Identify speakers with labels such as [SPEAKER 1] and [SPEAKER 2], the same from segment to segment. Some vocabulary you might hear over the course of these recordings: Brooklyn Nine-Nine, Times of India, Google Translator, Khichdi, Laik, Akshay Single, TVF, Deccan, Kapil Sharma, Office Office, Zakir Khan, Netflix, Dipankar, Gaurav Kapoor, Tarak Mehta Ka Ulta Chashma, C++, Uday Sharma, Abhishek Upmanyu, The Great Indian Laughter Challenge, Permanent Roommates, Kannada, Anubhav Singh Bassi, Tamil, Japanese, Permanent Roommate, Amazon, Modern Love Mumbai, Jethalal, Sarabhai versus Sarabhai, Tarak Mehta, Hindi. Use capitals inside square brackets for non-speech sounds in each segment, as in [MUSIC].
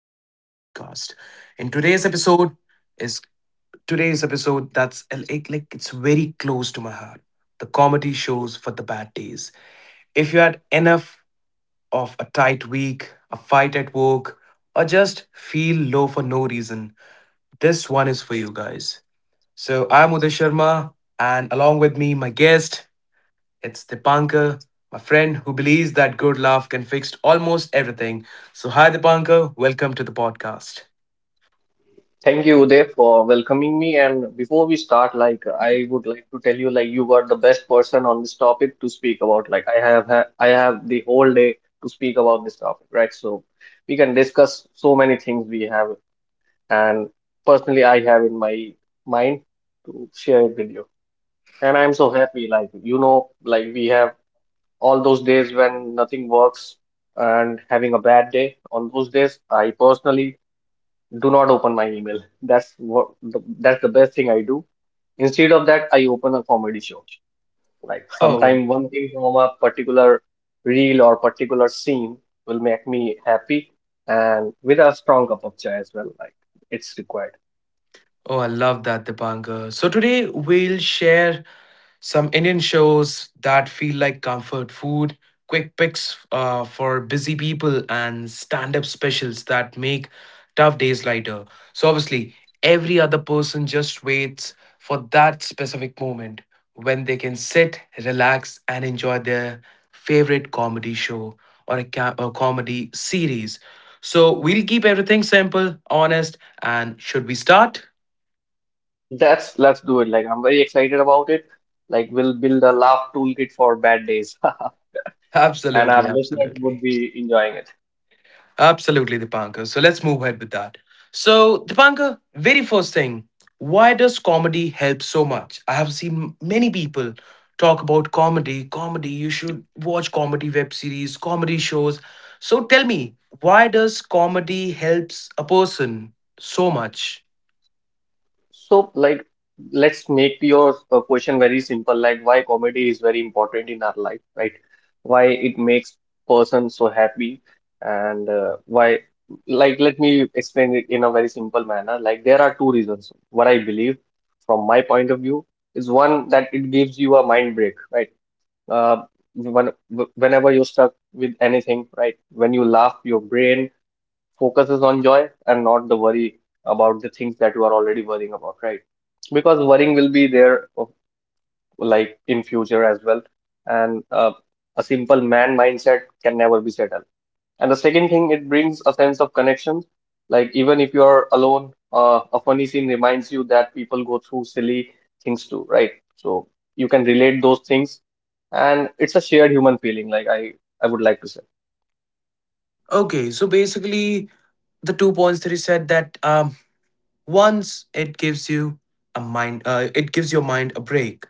[SPEAKER 1] back to our podcast. In today's episode is today's episode that's like it's very close to my heart. The comedy shows for the bad days. If you had enough of a tight week, a fight at work, or just feel low for no reason, this one is for you guys. So, I'm Uday Sharma, and along with me my guest it's Dipankar, my friend who believes that good laugh can fix almost everything. So, hi Dipankar, welcome to the podcast.
[SPEAKER 2] Thank you, Uday, for welcoming me. And before we start, I would like to tell you, like you are the best person on this topic to speak about. I have the whole day to speak about this topic, right? So we can discuss so many things we have, and personally, I have in my mind to share it with you. And I'm so happy, like we have all those days when nothing works and having a bad day. On those days, I personally do not open my email. That's the best thing I do. Instead of that, I open a comedy show. Like
[SPEAKER 1] Oh,
[SPEAKER 2] sometime one thing from a particular reel or particular scene will make me happy, and with a strong cup of chai as well. Like it's required.
[SPEAKER 1] Oh, I love that, Dipankar. So today we'll share some Indian shows that feel like comfort food, quick picks for busy people, and stand up specials that make tough days lighter. So, obviously, every other person just waits for that specific moment when they can sit, relax, and enjoy their favorite comedy show or a comedy series. So, we'll keep everything simple, honest, and should we start?
[SPEAKER 2] That's Let's do it. Like I'm very excited about it. Like we'll build a laugh toolkit for bad days, [LAUGHS] and
[SPEAKER 1] Absolutely,
[SPEAKER 2] our listeners would
[SPEAKER 1] absolutely.
[SPEAKER 2] be enjoying it.
[SPEAKER 1] Absolutely, Dipankar. So let's move ahead with that. So, Dipankar, very first thing, why does comedy help so much? I have seen many people talk about comedy, comedy, you should watch comedy web series, comedy shows. So tell me, why does comedy helps a person so much?
[SPEAKER 2] So, like, let's make your question very simple, like why comedy is very important in our life, right? Why it makes person so happy, and uh, why, like, let me explain it in a very simple manner. Like, there are two reasons. What I believe, from my point of view, is one that it gives you a mind break, right? Uh, when, Whenever you're stuck with anything, right? When you laugh, your brain focuses on joy and not the worry about the things that you are already worrying about, right? Because worrying will be there of- Like in future as well. And a simple man mindset can never be settled. And the second thing, it brings a sense of connection. Like even if you are alone, a funny scene reminds you that people go through silly things too, right? So you can relate those things, and it's a shared human feeling. Like I would like to say.
[SPEAKER 1] Okay, so basically the 2 points that you said, that once it gives you a mind it gives your mind a break.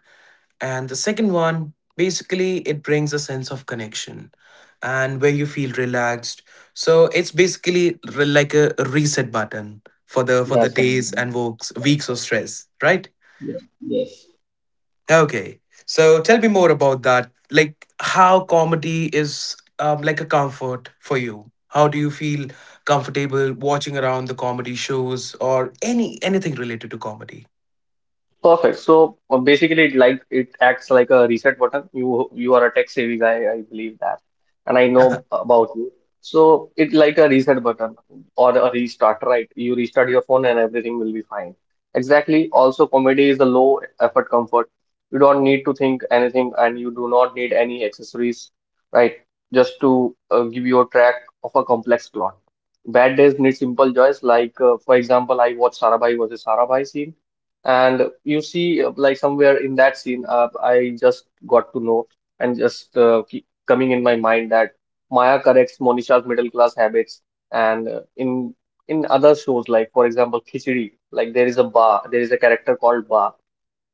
[SPEAKER 1] And the second one, basically, it brings a sense of connection and where you feel relaxed. So it's basically like a reset button for the
[SPEAKER 2] That's right.
[SPEAKER 1] days and weeks of stress, right?
[SPEAKER 2] Yeah. Yes.
[SPEAKER 1] Okay. So tell me more about that. Like, how comedy is like a comfort for you. How do you feel comfortable watching around the comedy shows or anything related to comedy?
[SPEAKER 2] Perfect. So basically, it acts like a reset button. You are a tech savvy guy, I believe that, and I know
[SPEAKER 1] [LAUGHS]
[SPEAKER 2] about you. So it like a reset button or a restart, right? You restart your phone and everything will be fine. Exactly. Also, comedy is a low effort comfort. You don't need to think anything, and you do not need any accessories, right? Just to give you a track of a complex plot. Bad days need simple joys, like for example, I watched Sarabhai versus Sarabhai scene and you see, like somewhere in that scene, I just got to know and just keep coming in my mind that Maya corrects Monisha's middle class habits. And in other shows, like for example, Khichdi, there is a character called Ba,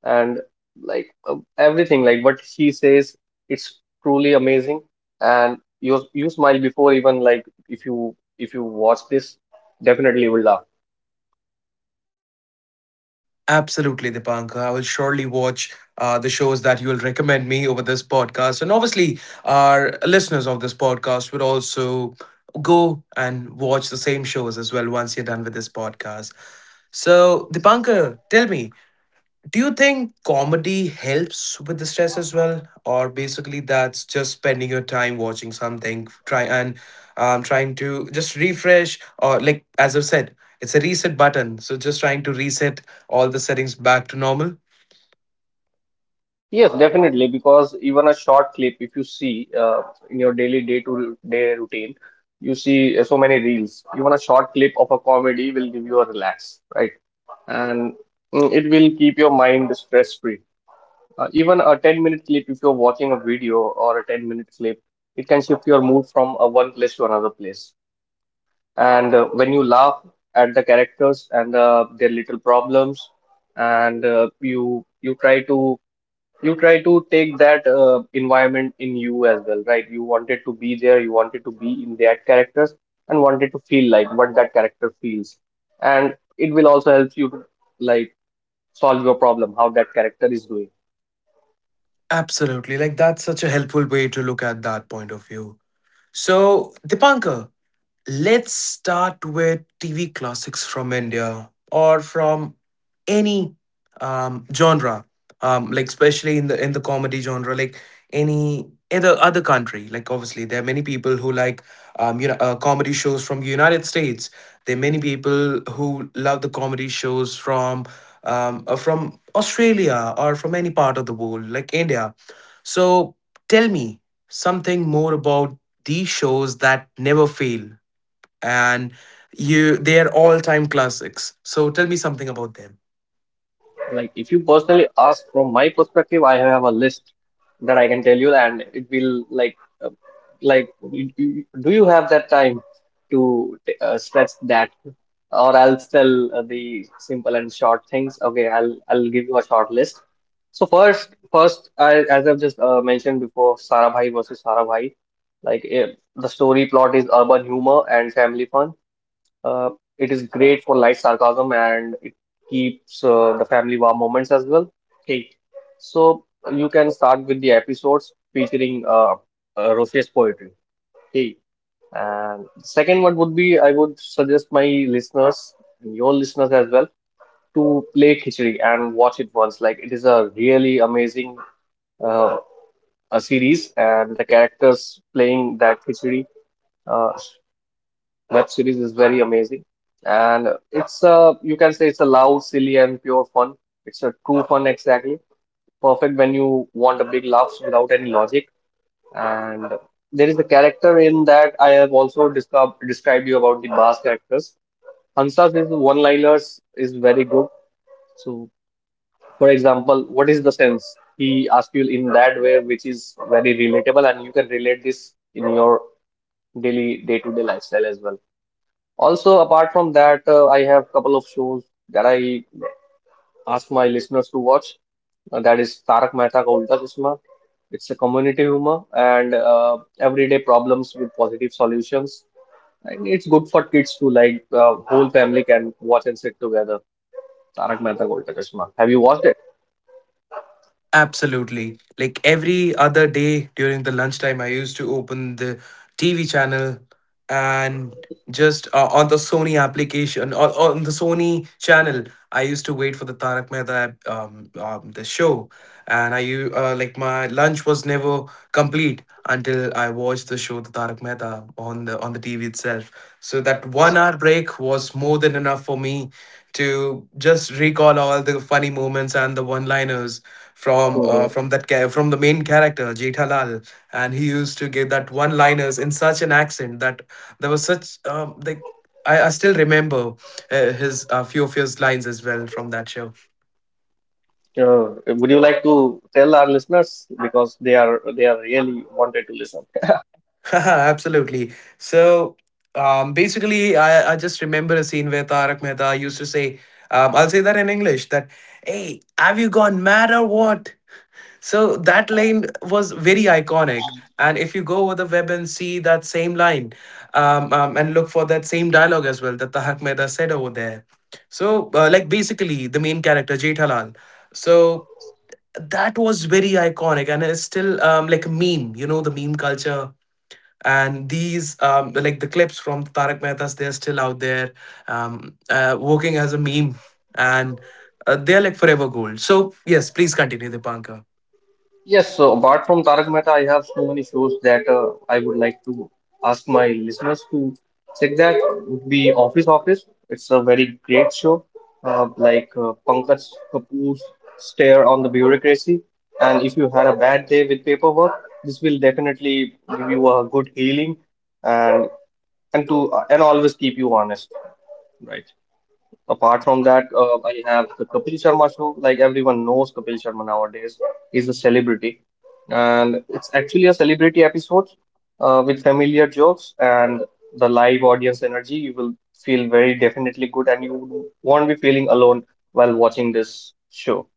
[SPEAKER 2] and like everything, like what she says, it's truly amazing. And you smile before even if you watch this, definitely you will laugh.
[SPEAKER 1] Absolutely, Dipanka. I will surely watch the shows that you will recommend me over this podcast. And obviously, our listeners of this podcast will also go and watch the same shows as well once you're done with this podcast. So, Dipanka, tell me, do you think comedy helps with the stress as well, or basically that's just spending your time watching something, trying to just refresh, or like as I've said, it's a reset button. So just trying to reset all the settings back to normal.
[SPEAKER 2] Yes, definitely. Because even a short clip, if you see in your daily day-to-day routine, you see so many reels. Even a short clip of a comedy will give you a relax, right? And it will keep your mind stress-free. Even a 10-minute clip, if you're watching a video or a 10-minute clip, it can shift your mood from one place to another place. And when you laugh at the characters and their little problems, and you try to take that environment in you as well, right? You wanted to be there, you wanted to be in that characters, and wanted to feel like what that character feels, and it will also help you to like solve your problem, how that character is doing.
[SPEAKER 1] Absolutely, like that's such a helpful way to look at that point of view. So Dipankar, let's start with TV classics from India or from any genre, like especially in the comedy genre, like any other country. Like obviously, there are many people who like comedy shows from United States. There are many people who love the comedy shows from Australia or from any part of the world, like India. So tell me something more about these shows that never fail and you they are all-time classics. So tell me something about them.
[SPEAKER 2] Like, if you personally ask from my perspective, I have a list that I can tell you, and it will like, you- you- do you have that time to stretch that? Or I'll tell the simple and short things. Okay, I'll give you a short list. So first, as I've just mentioned before, Sarabhai versus Sarabhai. Like, the story plot is urban humor and family fun. Uh, it is great for light sarcasm and it keeps the family warm moments as well. Okay, so you can start with the episodes featuring Rosier's poetry. Okay, and second one would be I would suggest my listeners and your listeners as well to play Khichdi and watch it once. Like it is a really amazing uh, a series, and the characters playing that Khichdi. Uh, web series is very amazing. And it's a, you can say it's a loud, silly, and pure fun. It's a true fun, exactly. Perfect when you want a big laughs without any logic. And there is a character in that I have also described you about the Bas characters. Hansa's his one-liners is very good. So, for example, what is the sense? He asks you in that way, which is very relatable, and you can relate this in your daily day-to-day lifestyle as well. Also, apart from that, I have couple of shows that I ask my listeners to watch. That is Tarak Mehta Ka Ulta Chashma. It's a community humor and everyday problems with positive solutions. And it's good for kids to like whole family can watch and sit together. Tarak Mehta Ka Ulta Chashma. Have you watched it?
[SPEAKER 1] Absolutely. Like every other day during the lunchtime, I used to open the TV channel and just on the Sony application, on the Sony channel, I used to wait for the Tarak Mehta the show, and like my lunch was never complete until I watched the show the Tarak Mehta on the TV itself. So that 1 hour break was more than enough for me to just recall all the funny moments and the one liners from
[SPEAKER 2] Mhm.
[SPEAKER 1] from the main character Jethalal, and he used to give that one liners in such an accent that there was such like I still remember his few of his lines as well from that show.
[SPEAKER 2] Uh, would you like to tell our listeners because they are really wanted to listen?
[SPEAKER 1] [LAUGHS] Absolutely. So basically, I just remember a scene where Tarak Mehta used to say, I'll say that in English that, hey, have you gone mad or what? So that
[SPEAKER 2] [LAUGHS]
[SPEAKER 1] line was very iconic. And if you go over the web and see that same line and look for that same dialogue as well that Tahak Mehta said over there. So, like, basically, the main character, Jethalal. So that was very iconic and it's still like a meme, you know, the meme culture. And these, like the clips from Tarak Mehta's, they're still out there working as a meme. And they're like forever gold. So, yes, please continue, Dipankar.
[SPEAKER 2] Yes, so apart from Tarak Mehta, I have so many shows that I would like to ask my listeners to check that would be Office Office. It's a very great show, Pankaj Kapoor's stare on the bureaucracy. And if you had a bad day with paperwork, this will definitely give you a good healing and and always keep you honest, right? Apart from that, I have the Kapil Sharma show. Like everyone knows Kapil Sharma nowadays. He's a celebrity. And it's actually a celebrity episode with familiar jokes and the live audience energy. You will feel very definitely good and you won't be feeling alone while watching this show.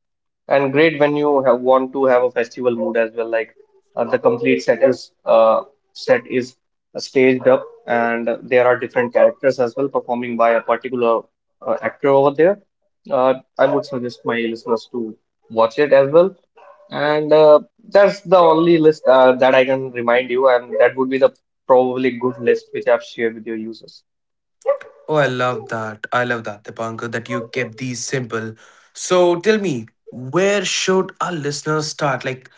[SPEAKER 2] And great when you have, want to have a festival mood as well. Like the complete set is staged up, and there are different characters as well performing by a particular actor over there. I would suggest my listeners to watch it as well. And that's the only list that I can remind you, and that would be the probably good list which I've shared with your users.
[SPEAKER 1] Oh, I love that. I love that, Dipankar, that you kept these simple. So tell me, where should our listeners start? Like,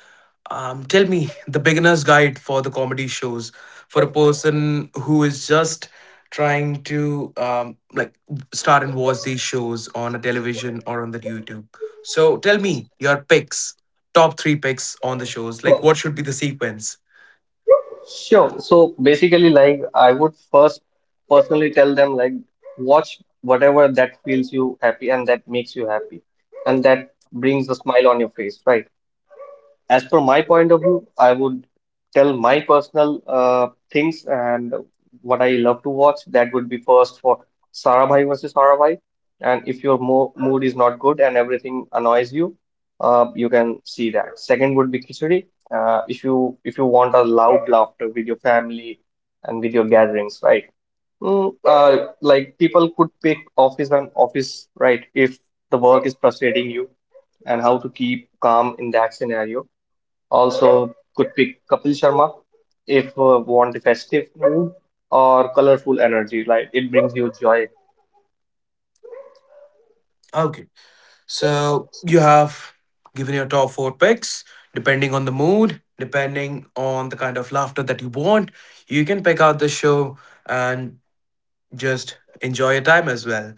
[SPEAKER 1] tell me the beginner's guide for the comedy shows for a person who is just trying to start and watch these shows on a television or on the YouTube. So tell me your picks, top three picks on the shows. Like, what should be the sequence?
[SPEAKER 2] Sure. So basically, like I would first personally tell them like watch whatever that feels you happy and that makes you happy and that brings a smile on your face, right? As per my point of view, I would tell my personal things and what I love to watch. That would be first for Sarabhai versus Sarabhai. And if your mo mood is not good and everything annoys you, you can see that. Second would be Khichdi. If you want a loud laughter with your family and with your gatherings, right? Like people could pick office and office, right? If the work is frustrating you and how to keep calm in that scenario. Also, could pick Kapil Sharma if want the festive mood or colorful energy. Like it brings you joy.
[SPEAKER 1] So you have given your top four picks. Depending on the mood, depending on the kind of laughter that you want, you can pick out the show and just enjoy your time as well.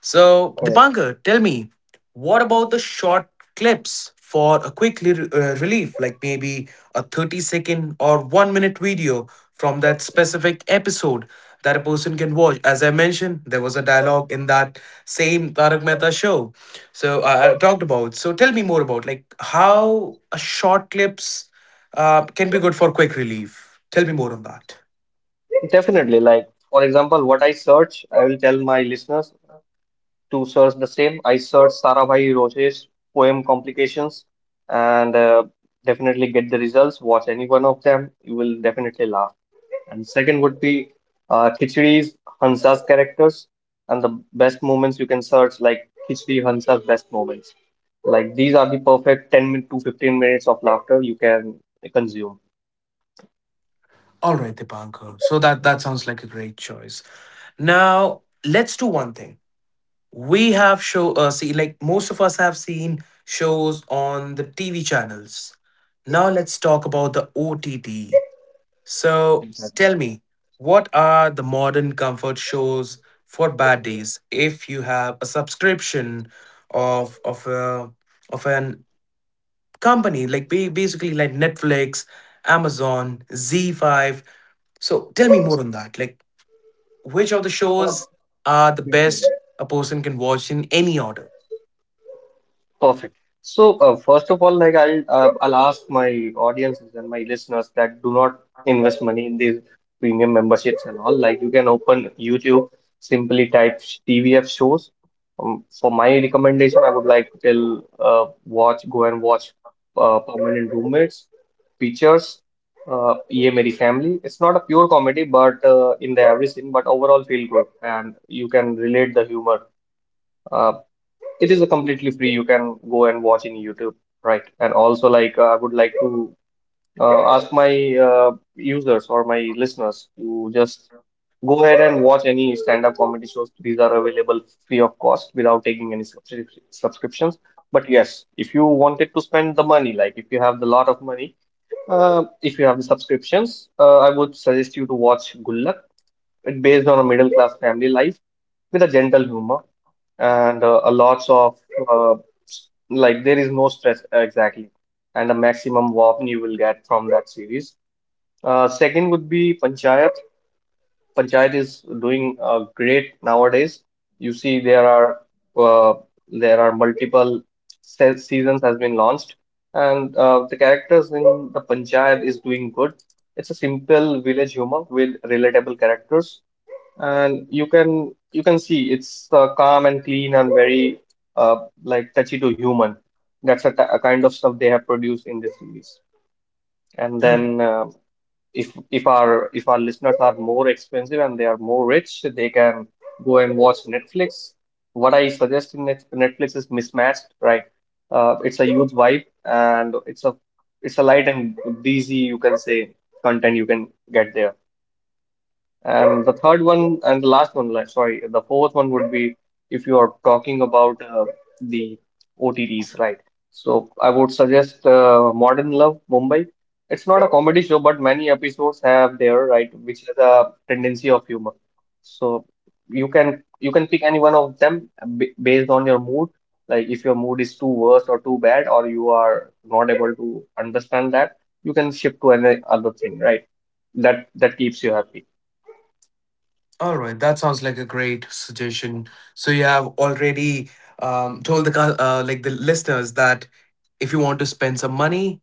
[SPEAKER 1] So,
[SPEAKER 2] Correct.
[SPEAKER 1] Dipankar, tell me, what about the short clips for a quick relief, like maybe a 30 second or 1 minute video from that specific episode that a person can watch? As I mentioned, there was a dialogue in that same Tarak Mehta show. So, I talked about. So, tell me more about like how a short clips can be good for quick relief. Tell me more on that.
[SPEAKER 2] Definitely. Like for example, what I search, I will tell my listeners to search the same. I search Sarabhai Roche's poem Complications, and definitely get the results. Watch any one of them. You will definitely laugh. And second would be Khichdi's Hansa's characters and the best moments you can search like Khichdi Hansa's best moments. Like these are the perfect 10 min- to 15 minutes of laughter you can consume.
[SPEAKER 1] All right, Dipankar. So that sounds like a great choice. Now let's do one thing. We have show see like most of us have seen shows on the TV channels. Now let's talk about the OTT. So
[SPEAKER 2] Yes.
[SPEAKER 1] tell me, what are the modern comfort shows for bad days? If you have a subscription of of a of an company like basically like Netflix, Amazon, Z5. So tell me more on that. Like which of the
[SPEAKER 2] Oh,
[SPEAKER 1] shows are the
[SPEAKER 2] I see.
[SPEAKER 1] best a person can watch in any order?
[SPEAKER 2] Perfect. So, first of all, I'll ask my audiences and my listeners that do not invest money in these premium memberships and all. Like you can open YouTube, simply type TVF shows. For my recommendation, I would like to tell watch go and watch Permanent Roommates, Features, Ye Meri Family. It's not a pure comedy, but in the average scene, but overall feel good and you can relate the humor. Uh, it is a completely free. You can go and watch in YouTube, right? And also, like, I would like to ask my users or my listeners to just go ahead and watch any stand-up comedy shows. These are available free of cost without taking any subscriptions. But yes, if you wanted to spend the money, like if you have the lot of money, if you have the subscriptions, I would suggest you to watch Gullak. It's based on a middle-class family life with a gentle humor and a lots of uh, like there is no stress exactly, and the maximum warmth you will get from that series. Second would be panchayat. Panchayat is doing great nowadays. You see, uh, there are multiple se seasons has been launched, and the characters in the panchayat is doing good. It's a simple village humor with relatable characters, and you can see it's calm and clean and very like touchy to human. That's a, t a kind of stuff they have produced in this series. And then
[SPEAKER 1] Okay.
[SPEAKER 2] if our listeners are more expensive and they are more rich, they can go and watch Netflix. What I suggest in Netflix is Mismatched, right? It's a huge vibe, and it's a light and breezy, you can say, content you can get there. And the third one and the last one, like, sorry, the fourth one would be if you are talking about the OTTs, right? So I would suggest Modern Love Mumbai. It's not a comedy show, but many episodes have there, right, which is a tendency of humor. So you can pick any one of them b based on your mood. Like if your mood is too worse or too bad, or you are not able to understand that, you can shift to any other thing, right? That keeps you happy.
[SPEAKER 1] All right. That sounds like a great suggestion. So you have already like the listeners that if you want to spend some money,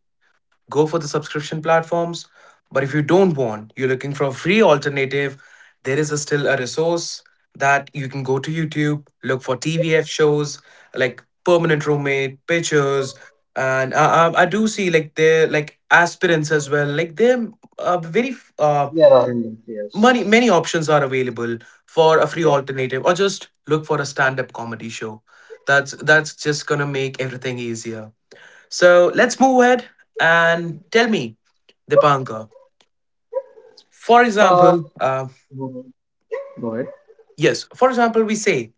[SPEAKER 1] go for the subscription platforms. But if you don't want, you're looking for a free alternative, there is a still a resource that you can go to YouTube, look for TVF shows like Permanent Roommate, Pictures, and I do see like they like aspirants as well. Like there are very uh,
[SPEAKER 2] There are, yes.
[SPEAKER 1] many options are available for a free
[SPEAKER 2] Yeah.
[SPEAKER 1] alternative, or just look for a stand up comedy show. That's just gonna make everything easier. So let's move ahead and tell me, Dipankar. For
[SPEAKER 2] Uh,
[SPEAKER 1] example,
[SPEAKER 2] Mhm. Go ahead.
[SPEAKER 1] yes, for example, we say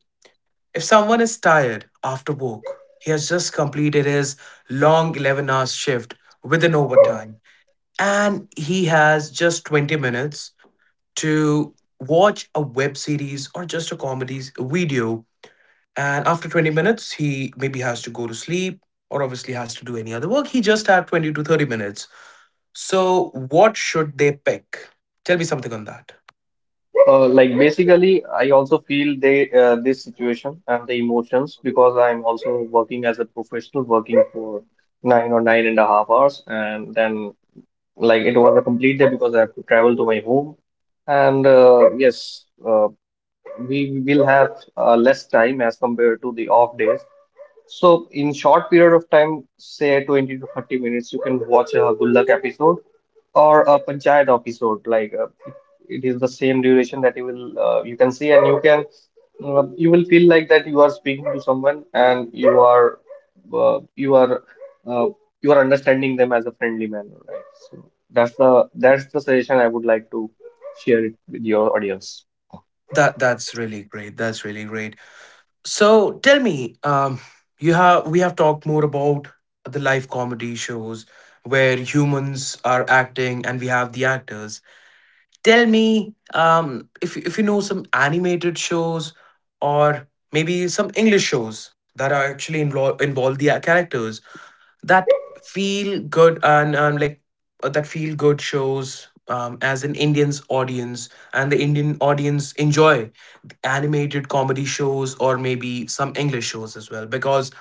[SPEAKER 1] if someone is tired after work, he has just completed his long 11 hours shift with an overtime, and he has just 20 minutes to watch a web series or just a comedy video. And after 20 minutes, he maybe has to go to sleep or obviously has to do any other work. He just had 20 to 30 minutes. So, what should they pick? Tell me something on that.
[SPEAKER 2] Like basically, I also feel they this situation and the emotions because I'm also working as a professional, working for nine or nine and a half hours, and then like it was a complete day because I have to travel to my home, and yes, we will have less time as compared to the off days. So in short period of time, say 20 to 30 minutes, you can watch a good episode or a panchayat episode. Like it is the same duration that you will you can see, and you can you will feel like that you are speaking to someone, and you are uh, you are uh, you are understanding them as a friendly manner, right? So that's the suggestion I would like to share it with your audience.
[SPEAKER 1] That's really great. That's really great. So, tell me, you have we have talked more about the live comedy shows where humans are acting and we have the actors. Tell me, if you know some animated shows or maybe some English shows that are actually involve the characters. That feel good and that feel good shows as an Indian's audience and the Indian audience enjoy animated comedy shows or maybe some English shows as well because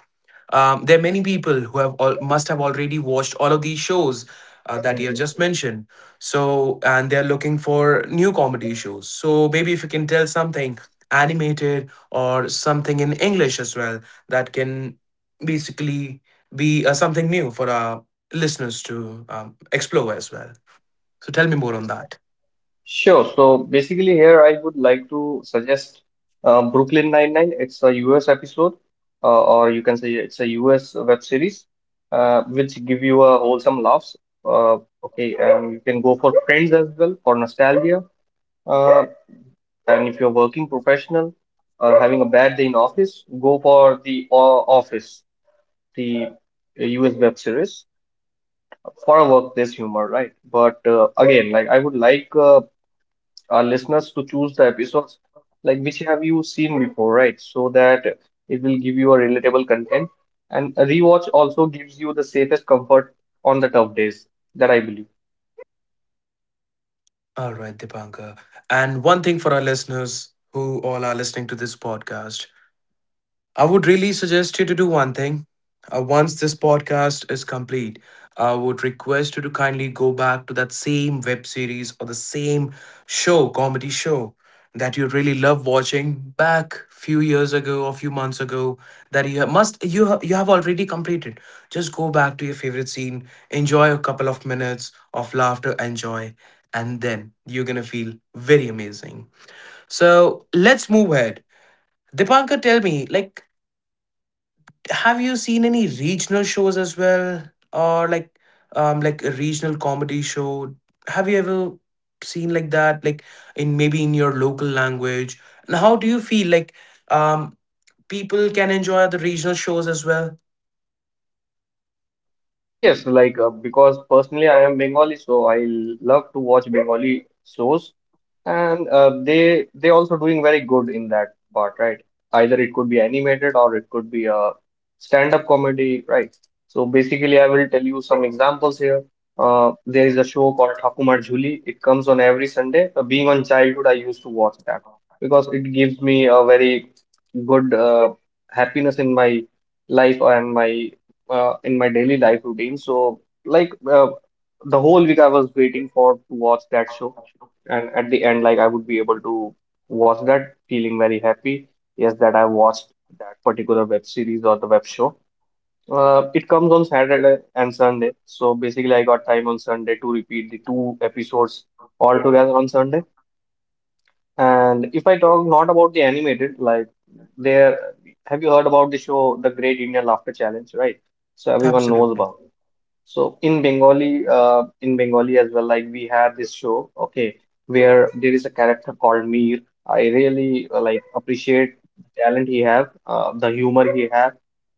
[SPEAKER 1] there are many people who must have already watched all of these shows that you have just mentioned. So, and they're looking for new comedy shows. So, maybe if you can tell something animated or something in English as well that can basically be something new for our listeners to explore as well. So tell me more on that.
[SPEAKER 2] Sure. So basically, here I would like to suggest Brooklyn Nine-Nine. It's a US episode, or you can say it's a US web series, which give you a wholesome laughs. Uh, okay, and you can go for Friends as well for nostalgia. Uh, and if you're working professional or having a bad day in office, go for the Office, the US web series for a workplace humor, right? But again, like I would like our listeners to choose the episodes like which have you seen before, right? So that it will give you a relatable content. And a rewatch also gives you the safest comfort on the tough days, that I believe.
[SPEAKER 1] All right, Dipanka. And one thing for our listeners who all are listening to this podcast, I would really suggest you to do one thing. Once this podcast is complete, I would request you to kindly go back to that same web series or the same show, comedy show, that you really love watching back few years ago or few months ago, that you have, must you have already completed. Just go back to your favorite scene, enjoy a couple of minutes of laughter and joy, and then you're gonna feel very amazing. So let's move ahead. Dipankar, tell me, like, have you seen any regional shows as well, or like a regional comedy show? Have you ever seen like that, like in maybe in your local language? And how do you feel like um people can enjoy the regional shows as well?
[SPEAKER 2] Yes, like because personally I am Bengali, so I love to watch Bengali shows. And they also doing very good in that part, right? Either it could be animated or it could be a stand-up comedy, right? So basically, I will tell you some examples here. There is a show called Thakumar Jhuli. It comes on every Sunday. Being on childhood, I used to watch that because it gives me a very good happiness in my life and my in my daily life routine. So like the whole week, I was waiting for to watch that show, and at the end, like I would be able to watch that feeling very happy, yes, that I watched that particular web series or the web show. It comes on Saturday and Sunday, so basically I got time on Sunday to repeat the 2 episodes all together on Sunday. And if I talk not about the animated, like, there, have you heard about the show The Great Indian Laughter Challenge, right? So everyone knows
[SPEAKER 1] Absolutely.
[SPEAKER 2] about. So in Bengali as well, like we had this show, okay, where there is a character called Mir. I really like appreciate the talent he have, the humor he have,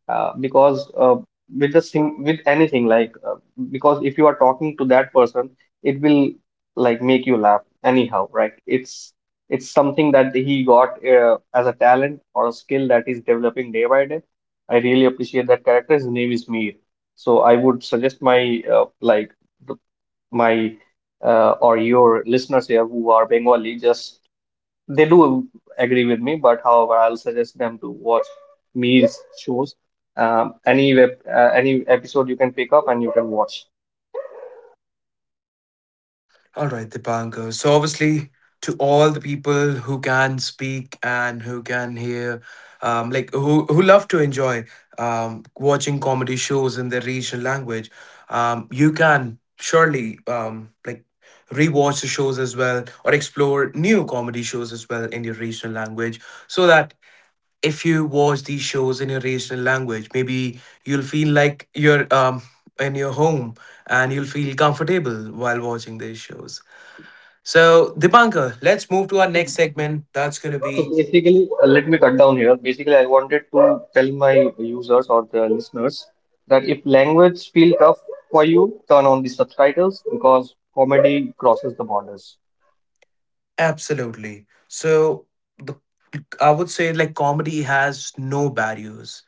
[SPEAKER 2] because with the sing with anything, like because if you are talking to that person, it will like make you laugh anyhow, right? It's something that he got as a talent or a skill that he's developing day by day. I really appreciate that character. His name is Mir. So I would suggest my like the, my or your listeners here who are Bengali, just they do agree with me, but however, I'll suggest them to watch Mir's shows. Any web, any episode you can pick up and you can watch.
[SPEAKER 1] All right, Dipankar. So, obviously, to all the people who can speak and who can hear, like who love to enjoy watching comedy shows in their regional language, you can surely like rewatch the shows as well or explore new comedy shows as well in your regional language, so that if you watch these shows in your regional language, maybe you'll feel like you're in your home and you'll feel comfortable while watching these shows. So, Dipankar, let's move to our next segment. That's going to
[SPEAKER 2] So
[SPEAKER 1] be
[SPEAKER 2] basically, let me cut down here. Basically, I wanted to tell my users or the listeners that if language feel tough for you, turn on the subtitles because comedy crosses the borders.
[SPEAKER 1] absolutely. So, the I would say like comedy has no barriers.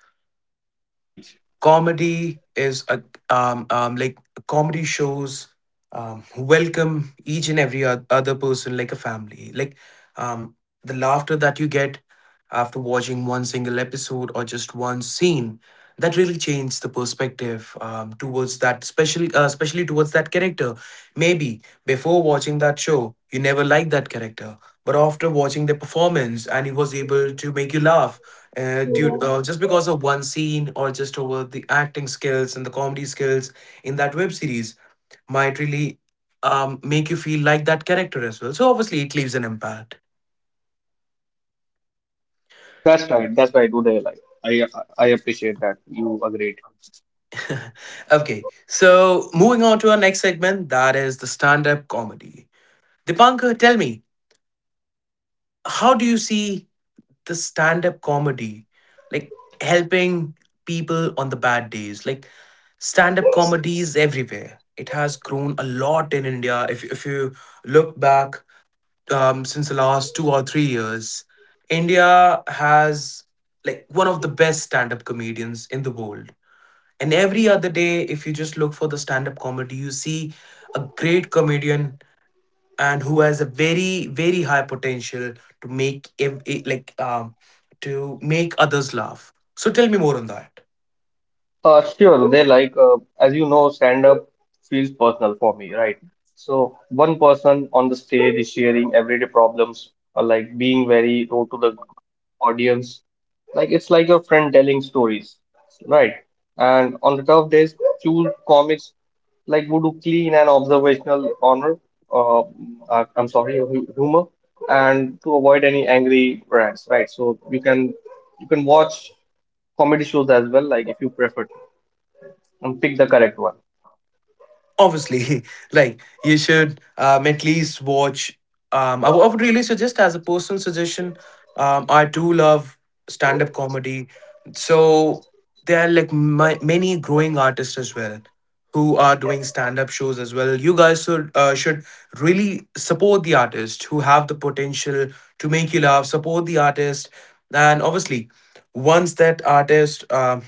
[SPEAKER 2] You're right.
[SPEAKER 1] Comedy is a like comedy shows welcome each and every other person like a family like um the laughter that you get after watching one single episode or just one scene that really changed the perspective towards that special, especially towards that character. Maybe before watching that show you never liked that character, but after watching the performance and he was able to make you laugh due just because of one scene or just over the acting skills and the comedy skills in that web series might really make you feel like that character as well. So obviously, it leaves an impact.
[SPEAKER 2] That's right. That's right. Do they like? I I appreciate that you agreed.
[SPEAKER 1] [LAUGHS] Okay, so moving on to our next segment, that is the stand-up comedy. Dipankar, tell me, how do you see the stand up comedy, like helping people on the bad days. Like stand up comedy is everywhere. It has grown a lot in India. If you look back since the last 2 or 3 years, India has like one of the best stand up comedians in the world. And every other day, if you just look for the stand up comedy, you see a great comedian and who has a very very high potential to make like to make others laugh. So tell me more on that.
[SPEAKER 2] Sure. They like, as you know, stand up feels personal for me, right? So one person on the stage is sharing everyday problems, like being very raw to the audience. Like it's like your friend telling stories, right? And on the tough days, choose comics like would voodoo clean and observational honor. Uh, I'm sorry, humor, and to avoid any angry rants, right? So you can watch comedy shows as well, like if you prefer, and pick the correct one.
[SPEAKER 1] Obviously, [LAUGHS] like you should at least watch I would really suggest as a personal suggestion. I do love stand-up comedy. So there are like many growing artists as well who are doing stand-up shows as well. You guys should should really support the artist who have the potential to make you laugh. Support the artist, and obviously, once that artist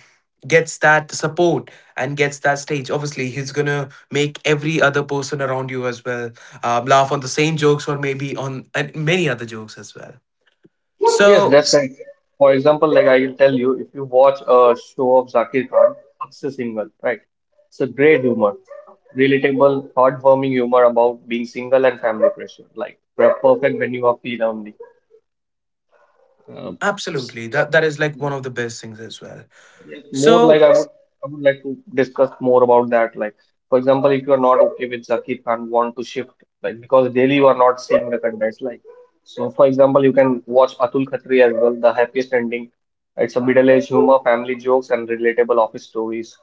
[SPEAKER 1] gets that support and gets that stage, obviously he's gonna make every other person around you as well laugh on the same jokes or maybe on and many other jokes as well.
[SPEAKER 2] Yes,
[SPEAKER 1] So
[SPEAKER 2] that's right. For example, like I can tell you, if you watch a show of Zakir Khan, Akshay Single, right? It's a great humor, relatable, heartwarming humor about being single and family pressure, like perfect when you are feel lonely.
[SPEAKER 1] absolutely that is like one of the best things as well.
[SPEAKER 2] Yes, more
[SPEAKER 1] So
[SPEAKER 2] like I would, I would like to discuss more about that. Like, for example, if you are not okay with Zakir Khan, want to shift, like because daily you are not seeing the contest. Like, so for example, you can watch Atul Khatri as well. The happiest ending. It's a middle-aged humor, family jokes, and relatable office stories.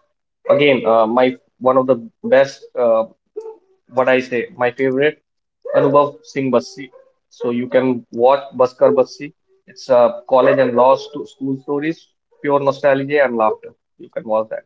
[SPEAKER 2] Again, my one of the best what I say, my favorite, Anubhav Singh Bassi. So you can watch Baskar Bassi. It's a college and law school stories, pure nostalgia and laughter. You can watch that.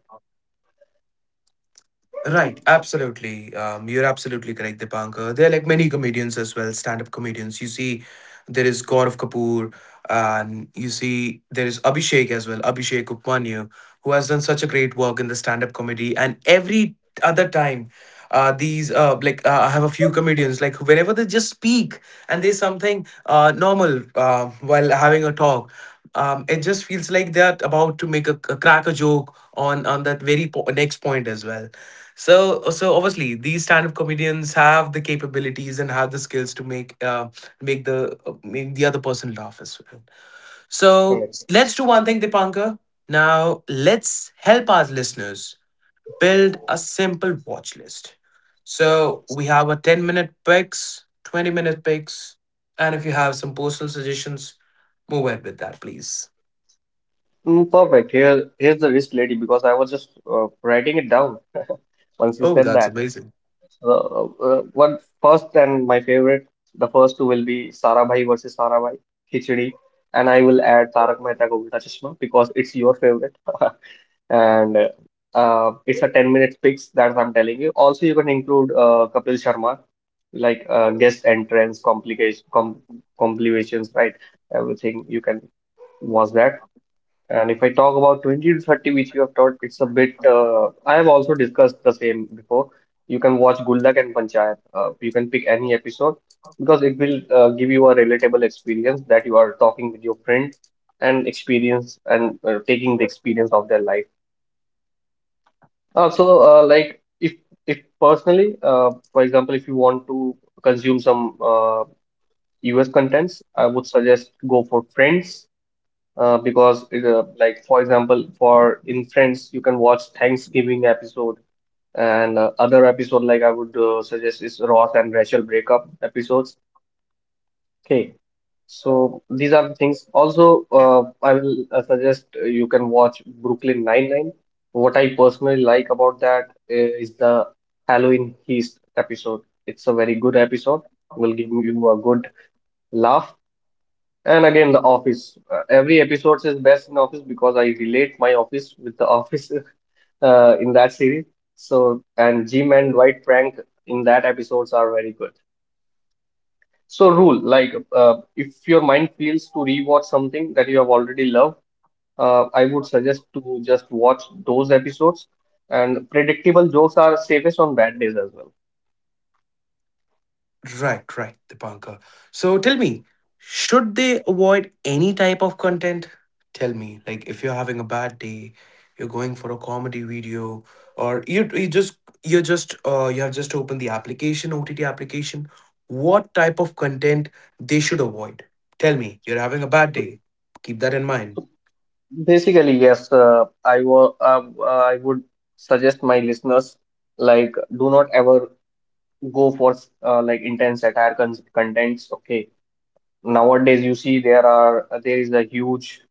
[SPEAKER 1] right, absolutely. You're absolutely correct, Dipankar. There are like many comedians as well, stand-up comedians. You see, there is Gaurav Kapoor, and you see there is Abhishek as well, Abhishek Upmanyu, who has done such a great work in the stand-up comedy. And every other time, these like I have a few comedians like whenever they just speak and there's something normal while having a talk. It just feels like they're about to make a crack a joke on that very next point as well. So, so obviously, these stand-up comedians have the capabilities and have the skills to make the other person laugh as well. So,
[SPEAKER 2] Correct.
[SPEAKER 1] let's do one thing, Dipankar. Now, let's help our listeners build a simple watch list. So, we have a 10-minute picks, 20-minute picks, and if you have some personal suggestions, move ahead with that, please.
[SPEAKER 2] Mm, perfect. Here, here's the wrist lady because I was just writing it down once you
[SPEAKER 1] Oh,
[SPEAKER 2] said
[SPEAKER 1] that's
[SPEAKER 2] that.
[SPEAKER 1] amazing.
[SPEAKER 2] Uh, One first and my favorite, the first two will be Sarabhai versus Sarabhai, Khichdi, and I will add Tarak Mehta Ka Ulta Chashma because it's your favorite. [LAUGHS] And it's a 10-minute fix that I'm telling you. Also, you can include Kapil Sharma, like guest entrance, complications, right? Everything you can watch that. And if I talk about 20 to 30, which you have taught, it's a bit. I have also discussed the same before. You can watch Guldak and Panchayat. You can pick any episode because it will give you a relatable experience that you are talking with your friend and experience and taking the experience of their life. Also, like if personally, for example, if you want to consume some US contents, I would suggest go for Friends because it, like for example, for in Friends you can watch Thanksgiving episode, and other episode like I would suggest is Ross and Rachel breakup episodes. Okay, so these are the things. Also, I will suggest you can watch Brooklyn Nine-Nine. What I personally like about that is the Halloween Heist episode. It's a very good episode. Will give you a good laugh. And again, The Office. Every episode is best in Office because I relate my office with The Office [LAUGHS] in that series. So, and Jim and Dwight Frank in that episodes are very good. So rule, like if your mind feels to rewatch something that you have already loved, I would suggest to just watch those episodes. And predictable jokes are safest on bad days as well.
[SPEAKER 1] Right, right, Dipankar. So tell me, should they avoid any type of content? Tell me, like if you're having a bad day, you're going for a comedy video, or you have just opened the application, OTT application, what type of content they should avoid? Tell me, you're having a bad day. Keep that in mind.
[SPEAKER 2] Basically, yes, I would suggest my listeners like do not ever go for like intense satire contents. Okay, nowadays you see there is a huge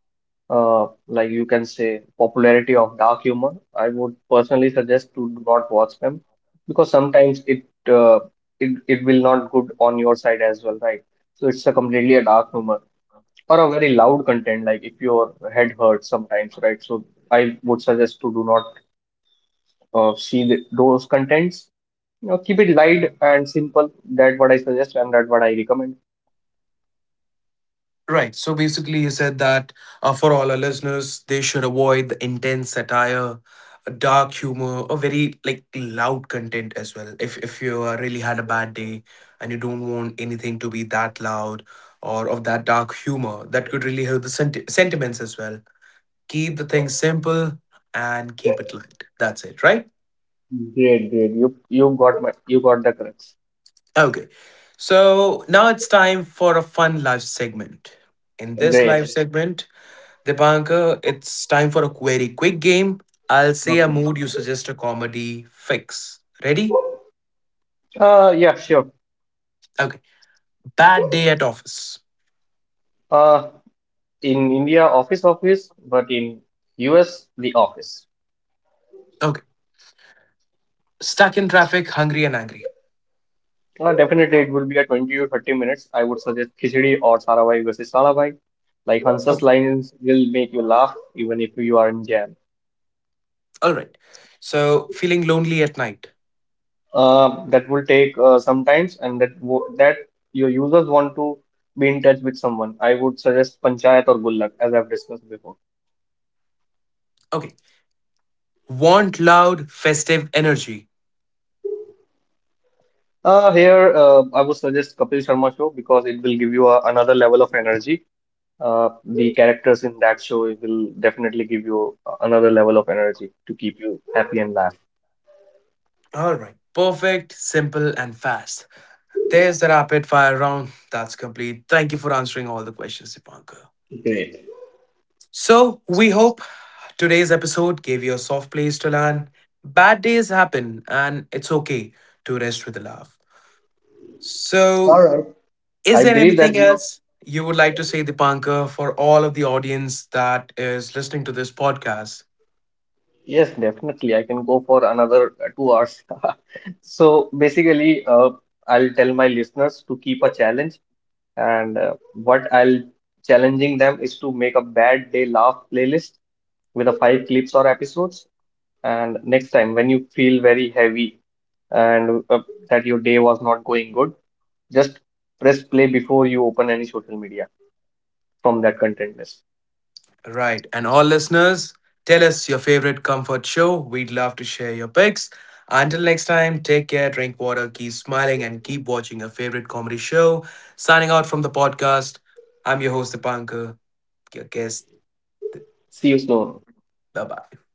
[SPEAKER 2] like you can say, popularity of dark humor. I would personally suggest to do not watch them because sometimes uh, it will not good on your side as well, right? So it's a completely a dark humor or a very loud content, like if your head hurts sometimes, right? So I would suggest to do not see the, those contents. You know, keep it light and simple. That what I suggest and that what I recommend.
[SPEAKER 1] Right. So basically, you said that for all our listeners, they should avoid the intense satire, dark humor, or very like loud content as well. If you really had a bad day and you don't want anything to be that loud or of that dark humor, that could really hurt the sentiments as well. Keep the thing simple and keep it light. That's it, right?
[SPEAKER 2] Great, great. You got my, you got the crux.
[SPEAKER 1] Okay. So now it's time for a fun live segment. In this live
[SPEAKER 2] Great.
[SPEAKER 1] segment, Dipankar, it's time for a query quick game. I'll say a
[SPEAKER 2] Okay.
[SPEAKER 1] mood, you suggest a comedy fix. Ready?
[SPEAKER 2] Yeah, sure.
[SPEAKER 1] Okay. Bad day at office.
[SPEAKER 2] Uh, in India, office office, but in US, the office.
[SPEAKER 1] Okay. Stuck in traffic, hungry and angry.
[SPEAKER 2] Definitely, it will be a 20 to 30 minutes. I would suggest khichdi or sarabhai versus sarabhai. Like
[SPEAKER 1] Oh,
[SPEAKER 2] Hansa's lines will make you laugh even if you are in jam.
[SPEAKER 1] all right. So, feeling lonely at night.
[SPEAKER 2] That will take some times, and that your users want to be in touch with someone. I would suggest Panchayat or Gullak, as I've discussed before.
[SPEAKER 1] Okay. Want loud, festive energy.
[SPEAKER 2] Here, I would suggest Kapil Sharma show because it will give you a, another level of energy. The characters in that show will definitely give you another level of energy to keep you happy and laugh.
[SPEAKER 1] All right. Perfect, simple, and fast. There's the rapid fire round. That's complete. Thank you for answering all the questions, Dipankar.
[SPEAKER 2] Great.
[SPEAKER 1] So, we hope today's episode gave you a soft place to land. Bad days happen, and it's okay to rest with a laugh.
[SPEAKER 2] All
[SPEAKER 1] So,
[SPEAKER 2] right.
[SPEAKER 1] is
[SPEAKER 2] I
[SPEAKER 1] there
[SPEAKER 2] believe that
[SPEAKER 1] anything
[SPEAKER 2] you know,
[SPEAKER 1] else you would like to say, Dipanka, for all of the audience that is listening to this podcast?
[SPEAKER 2] yes, definitely I can go for another 2 hours. [LAUGHS] So basically, I'll tell my listeners to keep a challenge, and what I'll challenging them is to make a bad day laugh playlist with a 5 clips or episodes. And next time, when you feel very heavy and that your day was not going good, just press play before you open any social media from that content list.
[SPEAKER 1] Right. And all listeners, tell us your favorite comfort show. We'd love to share your picks. Until next time, take care, drink water, keep smiling, and keep watching your favorite comedy show. Signing out from the podcast, I'm your host, Dipankar, your guest.
[SPEAKER 2] See you soon.
[SPEAKER 1] Bye bye.